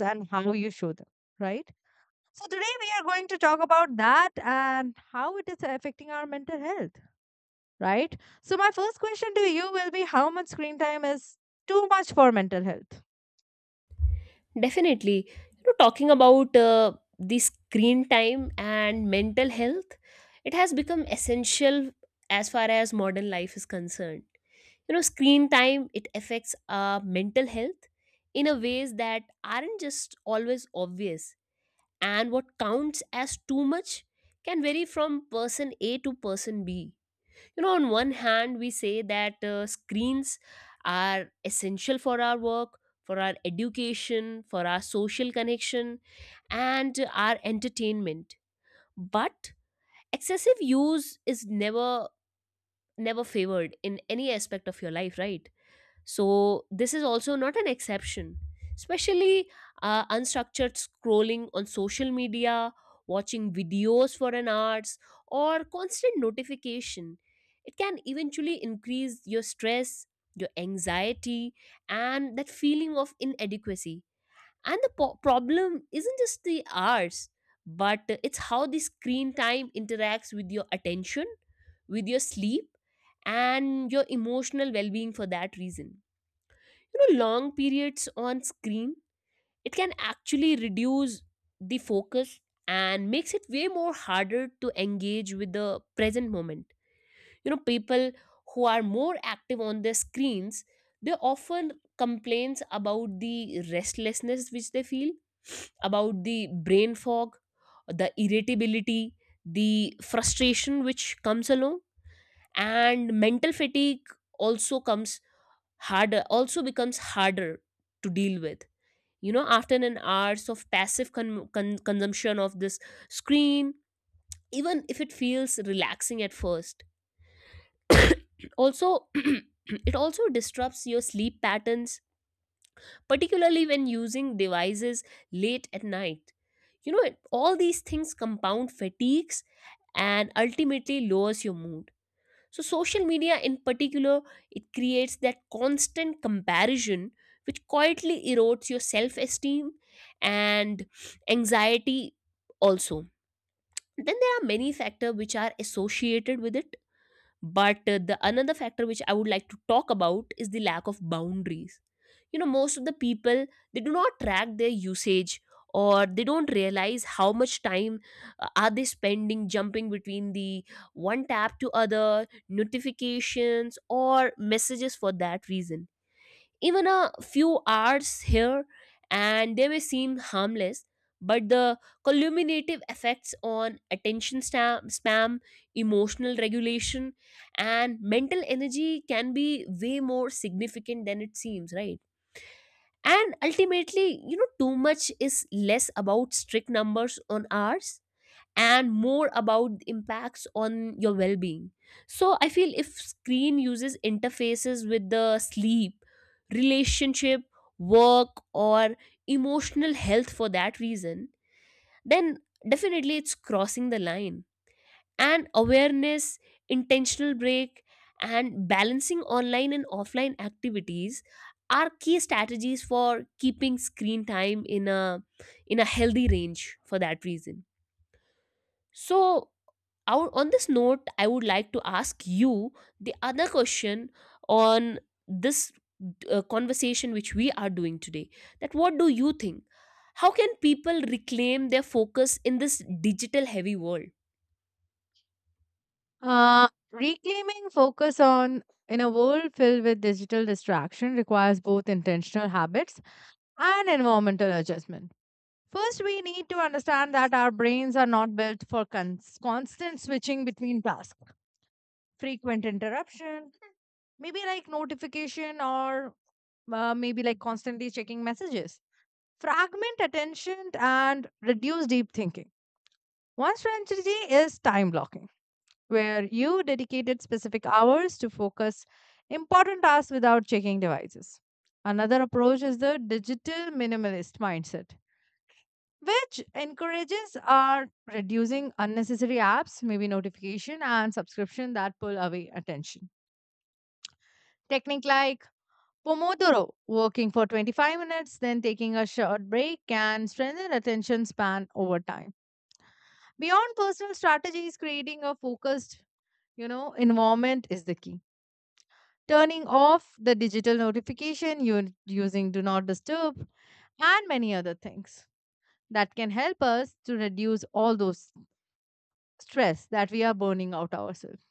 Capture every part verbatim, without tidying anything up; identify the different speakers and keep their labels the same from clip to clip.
Speaker 1: And how you show them, right? So today we are going to talk about that and how it is affecting our mental health, right? So my first question to you will be how much screen time is too much for mental health?
Speaker 2: Definitely. You know, talking about uh, the screen time and mental health, it has become essential as far as modern life is concerned. You know, screen time it affects our mental health in a ways that aren't just always obvious, and what counts as too much can vary from person A to person B. You know, on one hand we say that uh, screens are essential for our work, for our education, for our social connection, and our entertainment, but excessive use is never never favored in any aspect of your life, right? So this is also not an exception, especially uh, unstructured scrolling on social media, watching videos for an hours, or constant notification. It can eventually increase your stress, your anxiety, and that feeling of inadequacy. And the po- problem isn't just the hours, but it's how the screen time interacts with your attention, with your sleep, and your emotional well being. For that reason, you know, long periods on screen, it can actually reduce the focus and makes it way more harder to engage with the present moment. You know, people who are more active on their screens, they often complains about the restlessness which they feel about the brain fog, the irritability, the frustration which comes along, and mental fatigue also comes harder, also becomes harder to deal with. You know, after an hours of passive con- con- consumption of this screen, even if it feels relaxing at first, also it also disrupts your sleep patterns, particularly when using devices late at night. You know, it- all these things compound fatigues and ultimately lowers your mood. So social media in particular, it creates that constant comparison which quietly erodes your self esteem and anxiety also. Then there are many factors which are associated with it, but uh, the another factor which I would like to talk about is the lack of boundaries. You know, most of the people, they do not track their usage or they don't realize how much time uh, are they spending jumping between the one tab to other notifications or messages. For that reason, even a few hours here and they may seem harmless, but the cumulative effects on attention sta- spam, emotional regulation, and mental energy can be way more significant than it seems, right? And ultimately, you know, too much is less about strict numbers on hours and more about the impacts on your well-being. So I feel if screen uses interfaces with the sleep, relationship, work, or emotional health, for that reason, then definitely it's crossing the line. And awareness, intentional break, and balancing online and offline activities are key strategies for keeping screen time in a in a healthy range. For that reason, so, out on this note, I would like to ask you the other question on this uh, conversation which we are doing today. That what do you think? How can people reclaim their focus in this digital heavy world?
Speaker 1: Uh, reclaiming focus on in a world filled with digital distraction requires both intentional habits and environmental adjustment. First, we need to understand that our brains are not built for cons- constant switching between tasks. Frequent interruption maybe like notification or uh, maybe like constantly checking messages fragment attention and reduce deep thinking. One strategy is time blocking, where you dedicated specific hours to focus important tasks without checking devices. Another approach is the digital minimalist mindset, which encourages are reducing unnecessary apps, maybe notification and subscription that pull away attention. Technique like Pomodoro, working for twenty-five minutes, then taking a short break can strengthen attention span over time. Beyond personal strategies, creating a focused, you know, environment is the key. Turning off the digital notification, you using do not disturb and many other things that can help us to reduce all those stress that we are burning out ourselves.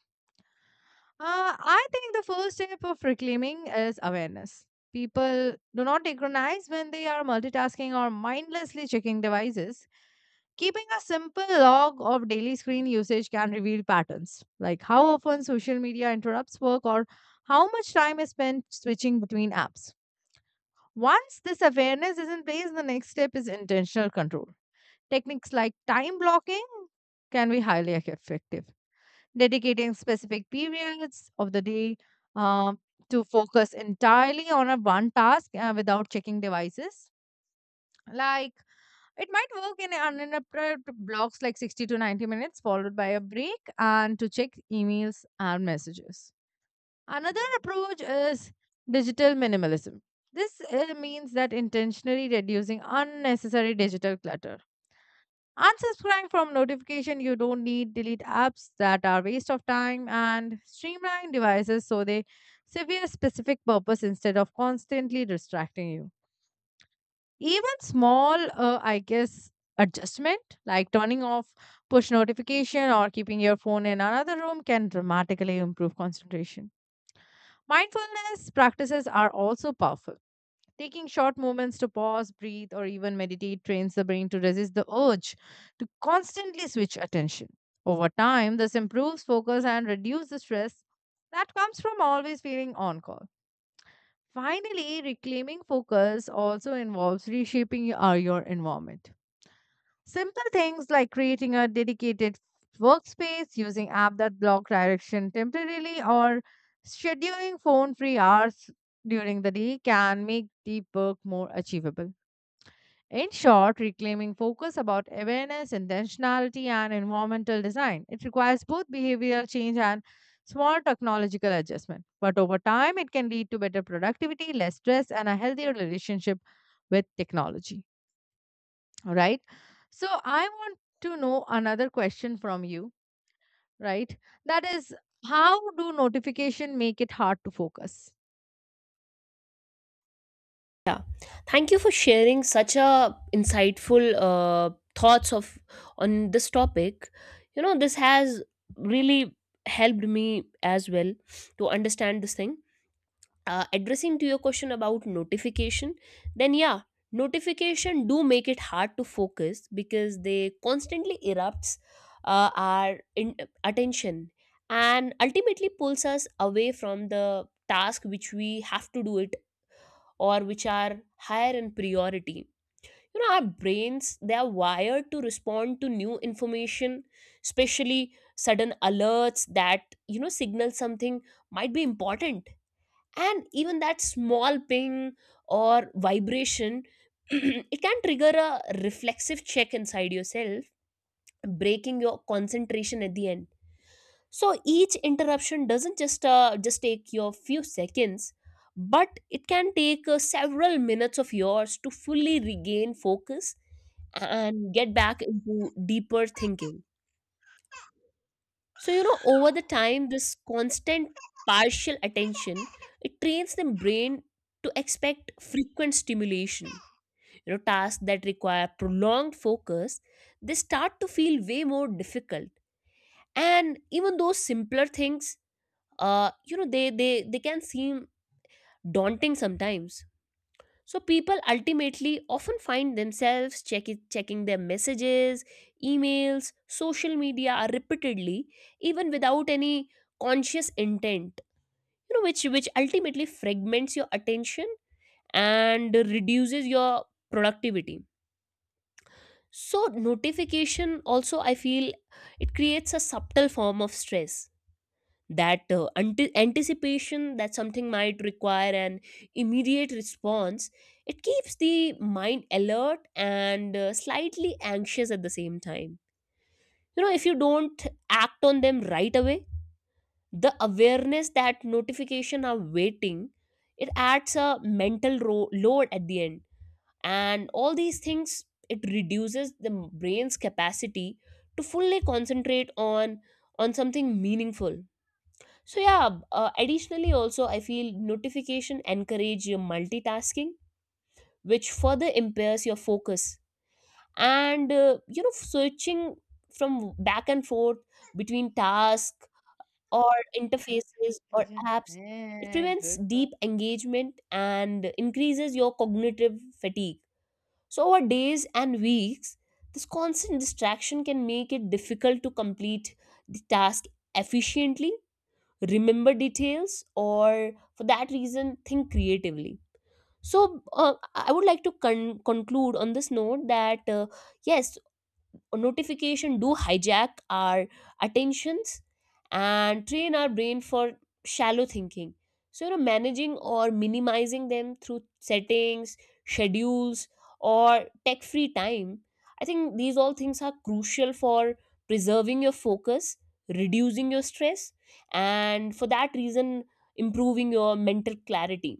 Speaker 1: Uh, I think the first step of reclaiming is awareness. People do not recognize when they are multitasking or mindlessly checking devices. Keeping a simple log of daily screen usage can reveal patterns, like how often social media interrupts work or how much time is spent switching between apps. Once this awareness is in place, the next step is intentional control. Techniques like time blocking can be highly effective, dedicating specific periods of the day, um, to focus entirely on a one task uh, without checking devices. Like, it might work in uninterrupted blocks like sixty to ninety minutes, followed by a break and to check emails and messages. Another approach is digital minimalism. This uh, means that intentionally reducing unnecessary digital clutter. Unsubscribe from notification you don't need, delete apps that are waste of time, and streamline devices so they serve a specific purpose instead of constantly distracting you. Even small uh, I guess adjustment like turning off push notification or keeping your phone in another room can dramatically improve concentration. Mindfulness practices are also powerful. Taking short moments to pause, breathe, or even meditate trains the brain to resist the urge to constantly switch attention. Over time, this improves focus and reduces the stress that comes from always feeling on call. Finally, reclaiming focus also involves reshaping your, uh, your environment. Simple things like creating a dedicated workspace, using app that block direction temporarily, or scheduling phone-free hours during the day can make deep work more achievable. In short, reclaiming focus about awareness, intentionality, and environmental design. It requires both behavioral change and small technological adjustment. But over time, it can lead to better productivity, less stress, and a healthier relationship with technology. All right. So, I want to know another question from you, right? That is, how do notification make it hard to focus?
Speaker 2: Yeah, thank you for sharing such a insightful uh, thoughts of on this topic. You know, this has really helped me as well to understand this thing. Uh, addressing to your question about notification, then yeah, notification do make it hard to focus because they constantly erupts uh, our in- attention and ultimately pulls us away from the task which we have to do it or which are higher in priority. You know, our brains, they are wired to respond to new information, especially sudden alerts that, you know, signal something might be important. And even that small ping or vibration it can trigger a reflexive check inside yourself, breaking your concentration at the end. So each interruption doesn't just uh, just take your few seconds, but it can take uh, several minutes of yours to fully regain focus and get back into deeper thinking. So, you know, over the time, this constant partial attention, it trains the brain to expect frequent stimulation. You know, tasks that require prolonged focus, they start to feel way more difficult. And even those simpler things, uh, you know, they they they can seem daunting sometimes. So people ultimately often find themselves check checking their messages, emails, social media repeatedly, even without any conscious intent. You know, which which ultimately fragments your attention and reduces your productivity. So notification also I feel it creates a subtle form of stress, that uh, anti- anticipation that something might require an immediate response. It keeps the mind alert and uh, slightly anxious at the same time. You know, if you don't act on them right away, the awareness that notification are waiting, it adds a mental ro- load at the end. And all these things, it reduces the brain's capacity to fully concentrate on on something meaningful. So yeah, uh, additionally also I feel notification encourage your multitasking, which further impairs your focus. And uh, you know, switching from back and forth between tasks or
Speaker 1: Yeah.
Speaker 2: interfaces or apps, it prevents
Speaker 1: Good one.
Speaker 2: deep engagement and increases your cognitive fatigue. So over days and weeks, this constant distraction can make it difficult to complete the task efficiently, remember details, or for that reason think creatively. So uh, i would like to con- conclude on this note that uh, yes, notification do hijack our attentions and train our brain for shallow thinking. So, you know, managing or minimizing them through settings, schedules, or tech free time, I think these all things are crucial for preserving your focus, reducing your stress, and for that reason improving your mental clarity.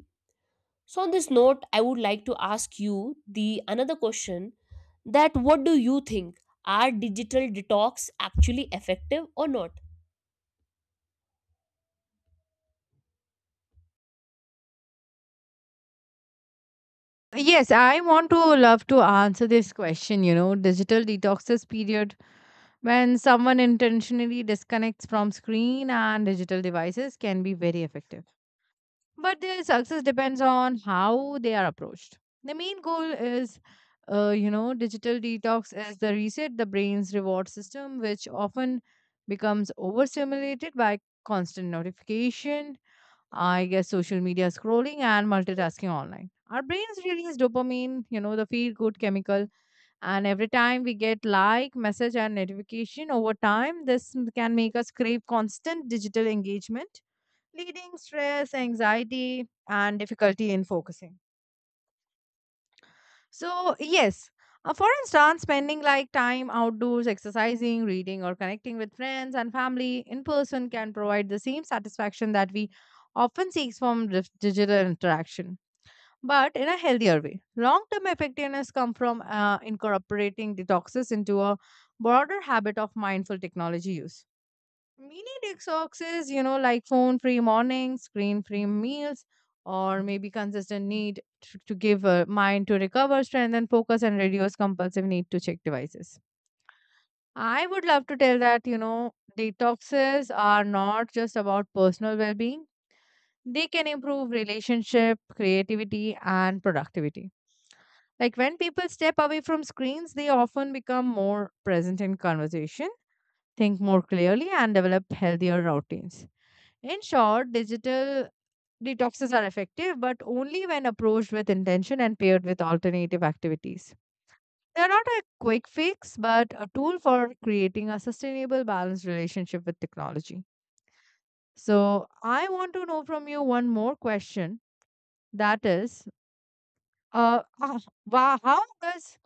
Speaker 2: So on this note, I would like to ask you the another question that what do you think? Are digital detox actually effective or not?
Speaker 1: Yes, I want to love to answer this question. You know, digital detoxes period when someone intentionally disconnects from screen and digital devices can be very effective. But their success depends on how they are approached. The main goal is, uh, you know, digital detox is the reset the brain's reward system, which often becomes overstimulated by constant notification, I guess social media scrolling and multitasking online. Our brains release dopamine, you know, the feel good chemical. And every time we get like, message, and notification over time, this m- can make us crave constant digital engagement, leading stress, anxiety, and difficulty in focusing. So, yes, uh, for instance, spending like time outdoors, exercising, reading, or connecting with friends and family in person can provide the same satisfaction that we often seeks from dif- digital interaction, but in a healthier way. Long term effectiveness comes from uh, incorporating detoxes into a broader habit of mindful technology use. Mini detoxes, you know, like phone free mornings, screen free meals, or maybe consistent need to, to give a mind to recover, strengthen focus, and reduce compulsive need to check devices. I would love to tell that, you know, detoxes are not just about personal well being, they can improve relationship, creativity, and productivity, like when people step away from screens, they often become more present in conversation, think more clearly, and develop healthier routines. In short, digital detoxes are effective, but only when approached with intention and paired with alternative activities. They're not a quick fix, but a tool for creating a sustainable, balanced relationship with technology. So, I want to know from you one more question, that is, uh, uh, wha- how does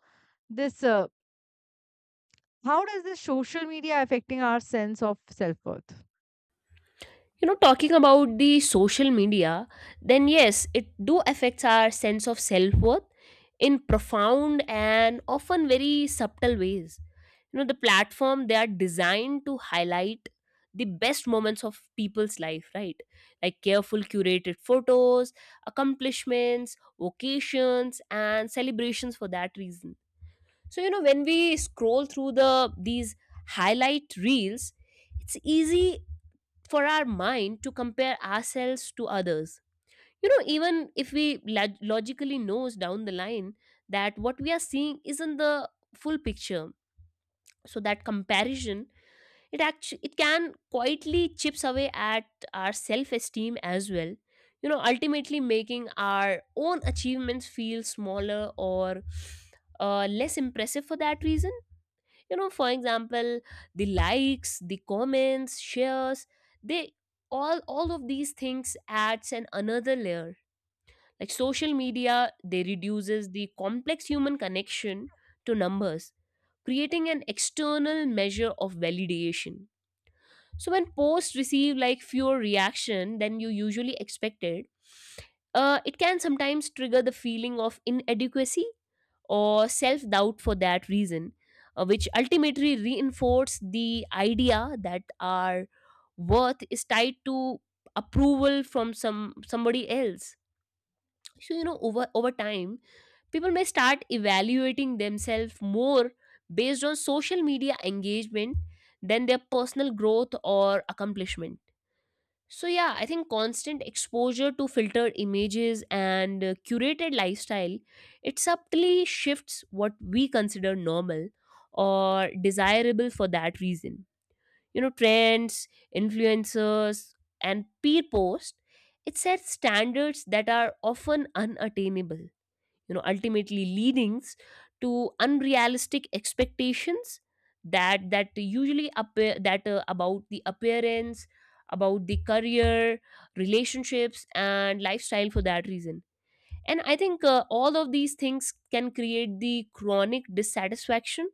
Speaker 1: this uh, How does this social media affecting our sense of self-worth?
Speaker 2: You know, talking about the social media, then yes, it do affects our sense of self-worth in profound and often very subtle ways. You know, the platform, they are designed to highlight the best moments of people's life, right? Like careful curated photos, accomplishments, vocations, and celebrations. For that reason, so you know, when we scroll through the these highlight reels, it's easy for our mind to compare ourselves to others. You know, even if we log- logically knows down the line that what we are seeing isn't the full picture. So that comparison, it actually it can quietly chips away at our self esteem as well, you know, ultimately making our own achievements feel smaller or uh, less impressive. For that reason, you know, for example, the likes, the comments, shares, they all all of these things adds an another layer. Like social media, they reduces the complex human connection to numbers, creating an external measure of validation. So when posts receive like fewer reaction than you usually expected, uh, it can sometimes trigger the feeling of inadequacy or self doubt. For that reason, uh, which ultimately reinforce the idea that our worth is tied to approval from some somebody else. So you know, over over time, people may start evaluating themselves more based on social media engagement than their personal growth or accomplishment. So yeah, I think constant exposure to filtered images and uh, curated lifestyle, it subtly shifts what we consider normal or desirable for that reason. You know, trends, influencers, and peer post, it sets standards that are often unattainable, you know, ultimately leading to unrealistic expectations that that usually appear that uh, about the appearance, about the career, relationships, and lifestyle. For that reason, and I think uh, all of these things can create the chronic dissatisfaction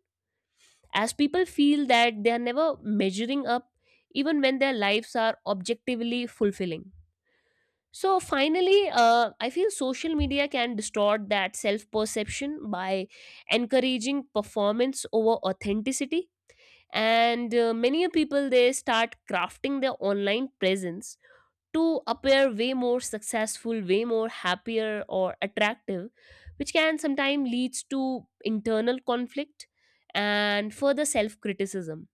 Speaker 2: as people feel that they are never measuring up even when their lives are objectively fulfilling. So finally, uh, I feel social media can distort that self perception by encouraging performance over authenticity. And uh, many people, they start crafting their online presence to appear way more successful, way more happier or attractive, which can sometimes leads to internal conflict and further self criticism.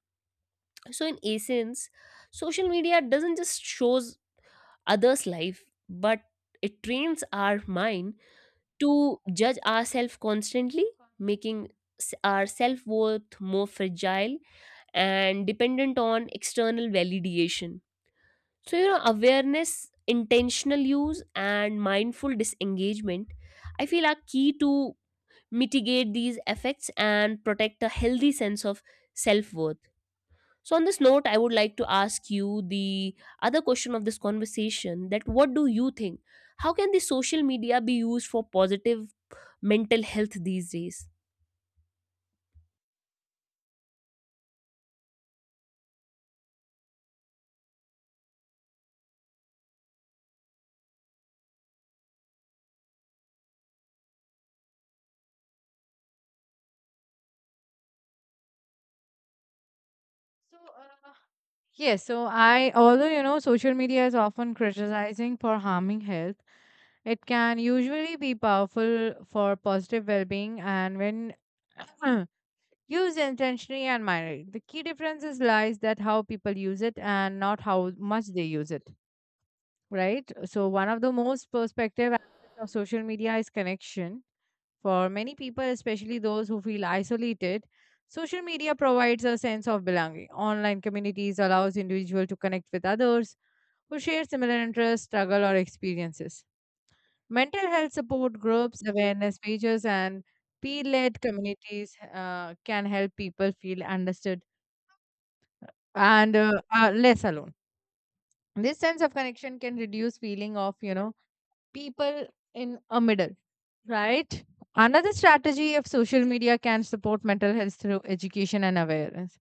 Speaker 2: So in essence, social media doesn't just shows others' life, but it trains our mind to judge ourselves constantly, making s- our self worth more fragile and dependent on external validation. So, you know, awareness, intentional use, and mindful disengagement, I feel are key to mitigate these effects and protect a healthy sense of self worth. So, on this note, I would like to ask you the other question of this conversation that what do you think? How can the social media be used for positive mental health these days?
Speaker 1: So, uh, yes, so I, although you know, social media is often criticizing for harming health, it can usually be powerful for positive well being. And when used intentionally and minded. The key differences lies that how people use it and not how much they use it, right? So one of the most perspective aspects of social media is connection. For many people, especially those who feel isolated, social media provides a sense of belonging. Online communities allows individual to connect with others who share similar interests, struggle, or experiences. Mental health support groups, awareness pages, and peer-led communities uh, can help people feel understood and uh, are less alone. This sense of connection can reduce feeling of, you know, people in a middle, right? Another strategy of social media can support mental health through education and awareness.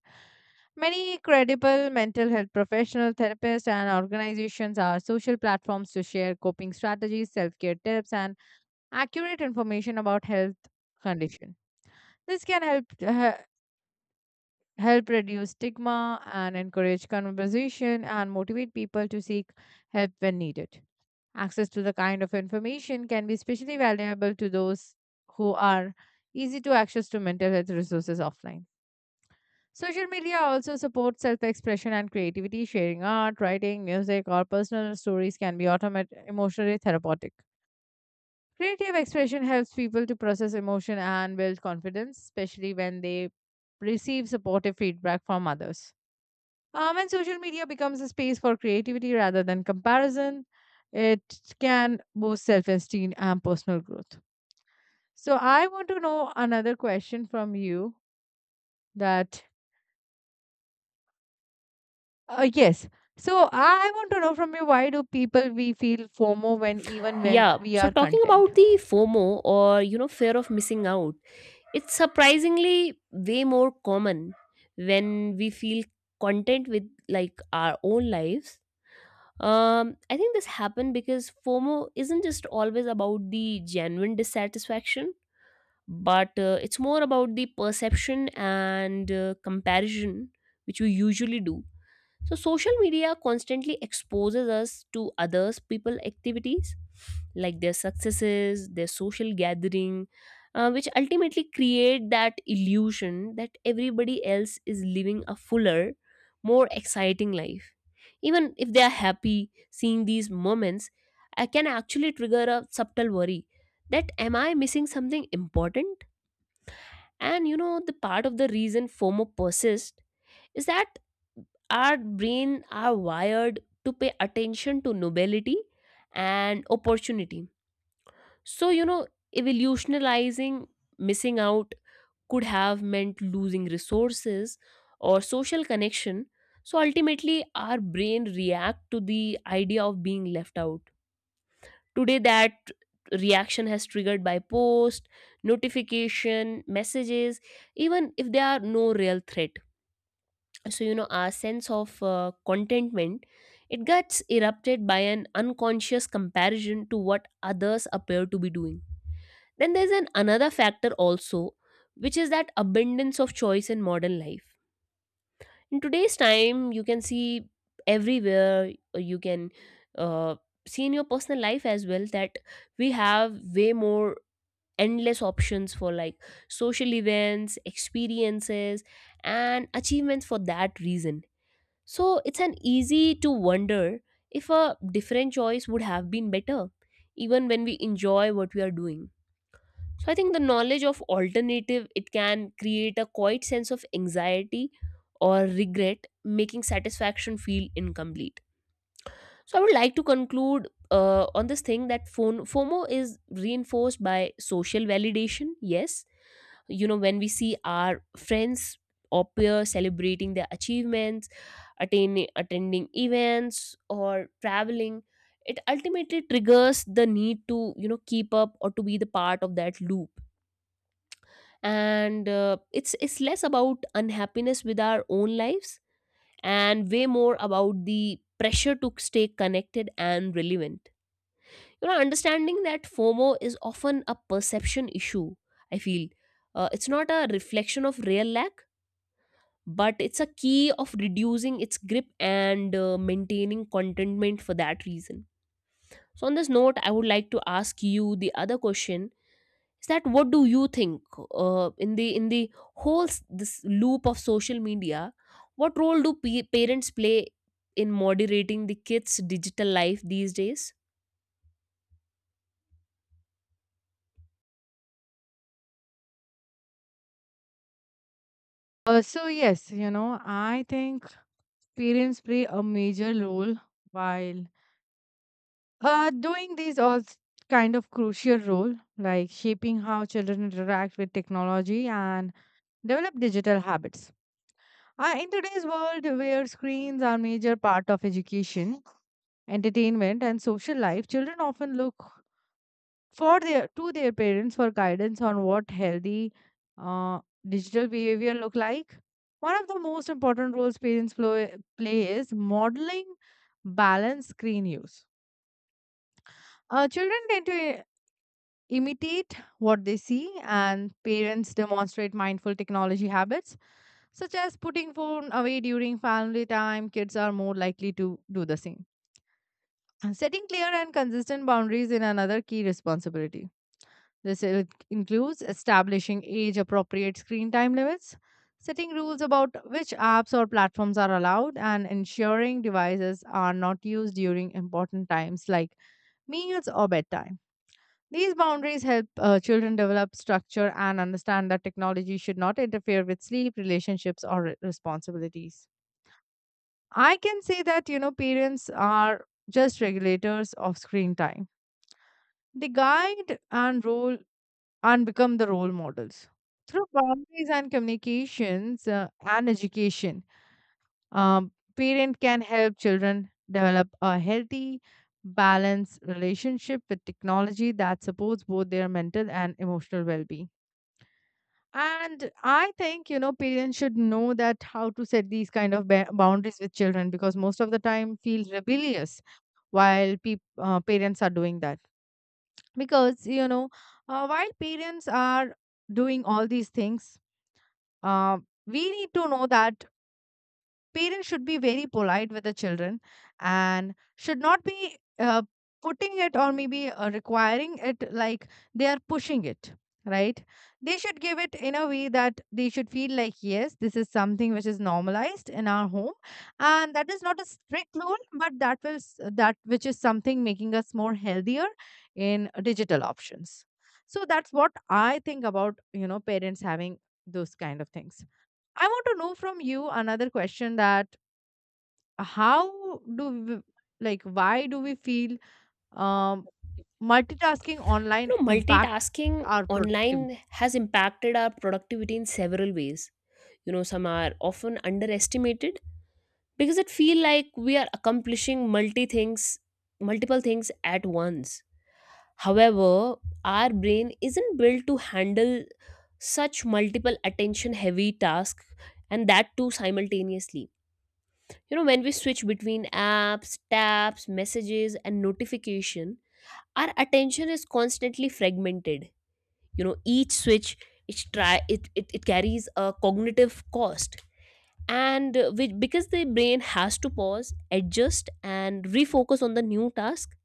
Speaker 1: Many credible mental health professional therapists and organizations are social platforms to share coping strategies, self-care tips, and accurate information about health condition. This can help uh, help reduce stigma and encourage conversation and motivate people to seek help when needed. Access to the kind of information can be especially valuable to those who are easy to access to mental health resources offline. Social media also supports self expression and creativity. Sharing art, writing, music, or personal stories can be automat- emotionally therapeutic. Creative expression helps people to process emotion and build confidence, especially when they receive supportive feedback from others. Um, and social media becomes a space for creativity rather than comparison. It can boost self esteem and personal growth. So, I want to know another question from you that, uh, yes. So, I want to know from you, why do people we feel FOMO when even when
Speaker 2: Yeah,
Speaker 1: we
Speaker 2: so
Speaker 1: are
Speaker 2: talking
Speaker 1: content?
Speaker 2: about the FOMO, or you know, fear of missing out. It's surprisingly way more common when we feel content with like our own lives. Um, I think this happened because FOMO isn't just always about the genuine dissatisfaction, but uh, it's more about the perception and uh, comparison which we usually do. So social media constantly exposes us to others people activities like their successes, their social gathering, uh, which ultimately create that illusion that everybody else is living a fuller, more exciting life. Even if they are happy seeing these moments, I can actually trigger a subtle worry that am I missing something important? And you know, the part of the reason FOMO persists is that our brain are wired to pay attention to novelty and opportunity, so you know, evolutionalizing missing out could have meant losing resources or social connection. So ultimately our brain react to the idea of being left out today, that reaction has triggered by post notification messages, even if there are no real threat. So you know, our sense of uh, contentment, it gets erupted by an unconscious comparison to what others appear to be doing. Then there's an another factor also, which is that abundance of choice in modern life. In today's time you can see everywhere, uh, you can uh, see in your personal life as well that we have way more endless options for like social events, experiences, and achievements for that reason. So it's an easy to wonder if a different choice would have been better, even when we enjoy what we are doing. So I think the knowledge of alternative, it can create a quiet sense of anxiety or regret, making satisfaction feel incomplete. So I would like to conclude uh, on this thing that phone FOMO is reinforced by social validation, yes, you know, when we see our friends or peers celebrating their achievements, attaining attending events or traveling, it ultimately triggers the need to you know keep up or to be the part of that loop. And uh, it's it's less about unhappiness with our own lives and way more about the pressure to stay connected and relevant. You know, understanding that fomo is often a perception issue, I feel uh, it's not a reflection of real lack, but it's a key of reducing its grip and uh, maintaining contentment for that reason. So on this note, I would like to ask you the other question, is that what do you think, uh, in the in the whole s- this loop of social media, what role do p- parents play in moderating the kids digital life these days?
Speaker 1: Uh, so, yes, you know, I think parents play a major role while uh doing these all s- kind of crucial role, like shaping how children interact with technology and develop digital habits. Uh, in today's world where screens are major part of education, entertainment and social life, children often look for their to their parents for guidance on what healthy uh, digital behavior look like. One of the most important roles parents plo- play is modeling balanced screen use. Uh, children tend to imitate what they see, and parents demonstrate mindful technology habits, such as putting phone away during family time. Kids are more likely to do the same. And setting clear and consistent boundaries in another key responsibility. This i- like, includes establishing age appropriate screen time limits, setting rules about which apps or platforms are allowed, and ensuring devices are not used during important times like meals or bedtime. These boundaries help uh, children develop structure and understand that technology should not interfere with sleep, relationships, or re- responsibilities. I can say that, you know, parents are just regulators of screen time. They guide and role and become the role models. Through boundaries and communications uh, and education, um, parent can help children develop a healthy, balanced relationship with technology that supports both their mental and emotional well-being. And I think, you know, parents should know that how to set these kind of ba- boundaries with children because most of the time feel rebellious while peop uh, parents are doing that. Because, you know, uh, while parents are doing all these things, uh, we need to know that parents should be very polite with the children and should not be uh, putting it, or maybe uh, requiring it like they are pushing it, right? They should give it in a way that they should feel like, yes, this is something which is normalized in our home, and that is not a strict rule, but that will s- that which is something making us more healthier in digital options. So that's what I think about, you know, parents having those kind of things. I want to know from you another question, that how do we, like why do we feel um, multitasking
Speaker 2: You
Speaker 1: online
Speaker 2: know,
Speaker 1: impact
Speaker 2: multitasking
Speaker 1: our productivity?
Speaker 2: online has impacted our productivity in several ways. You know, some are often underestimated because it feel like we are accomplishing multi things multiple things at once. However, our brain isn't built to handle such multiple attention heavy tasks, and that too simultaneously. You know, when we switch between apps, tabs, messages and notification, our attention is constantly fragmented. You know, each switch, each try, it, it, it carries a cognitive cost, and uh, which, because the brain has to pause, adjust and refocus on the new task.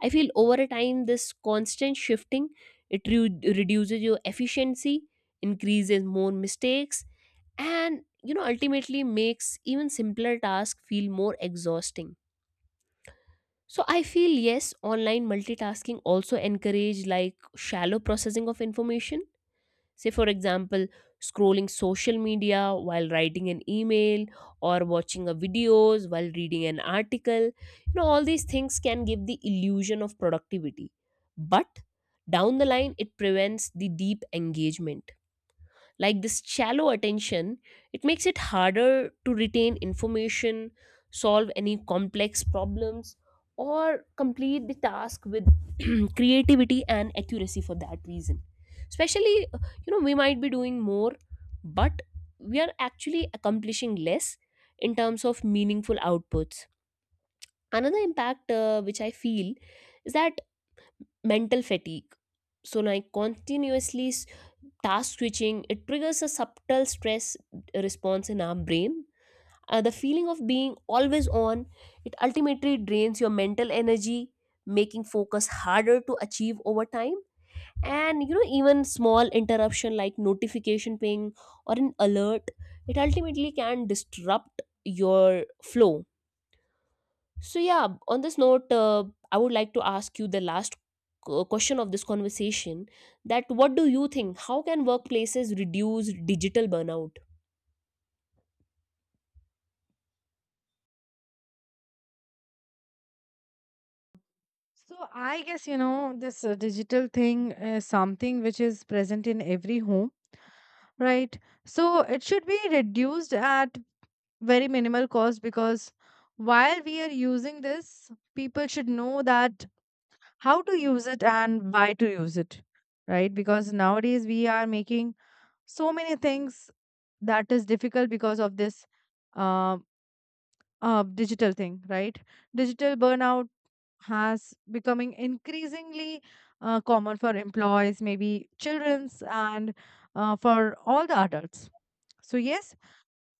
Speaker 2: I feel over a time this constant shifting, it re- reduces your efficiency, increases more mistakes, and you know ultimately makes even simpler tasks feel more exhausting. So I feel yes, online multitasking also encourage like shallow processing of information. Say, for example, scrolling social media while writing an email or watching a videos while reading an article. You know, all these things can give the illusion of productivity. But down the line, it prevents the deep engagement. Like this shallow attention, it makes it harder to retain information, solve any complex problems, or complete the task with creativity and accuracy for that reason. Especially uh, you know, we might be doing more, but we are actually accomplishing less in terms of meaningful outputs. Another impact uh, which I feel is that mental fatigue. So, like continuously s- task switching, it triggers a subtle stress response in our brain. Uh, the feeling of being always on, it ultimately drains your mental energy, making focus harder to achieve over time. And you know, even small interruption like notification ping or an alert, it ultimately can disrupt your flow. So, yeah, on this note, uh, I would like to ask you the last q- question of this conversation, that what do you think? How can workplaces reduce digital burnout?
Speaker 1: So I guess you know this uh, digital thing is something which is present in every home, right? So it should be reduced at very minimal cost, because while we are using this, people should know that how to use it and why to use it, right? Because nowadays we are making so many things that is difficult because of this uh, uh, digital thing, right? Digital burnout has becoming increasingly uh, common for employees, maybe children's and uh, for all the adults. So yes,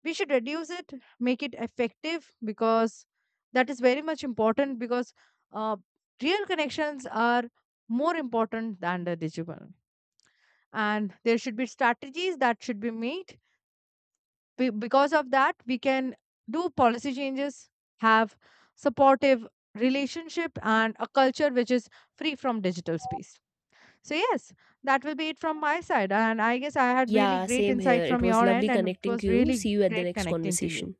Speaker 1: we should reduce it, make it effective, because that is very much important, because uh, real connections are more important than the digital. And there should be strategies that should be made. Be- because of that, we can do policy changes, have supportive relationship, and a culture which is free from digital space. So yes, that will be it from my side. And I guess I had really
Speaker 2: Yeah,
Speaker 1: great
Speaker 2: same here.
Speaker 1: insight
Speaker 2: It
Speaker 1: from
Speaker 2: was
Speaker 1: your end,
Speaker 2: lovely
Speaker 1: and it
Speaker 2: connecting to
Speaker 1: was
Speaker 2: you.
Speaker 1: really
Speaker 2: See you at the
Speaker 1: great
Speaker 2: next
Speaker 1: connecting to you.
Speaker 2: conversation.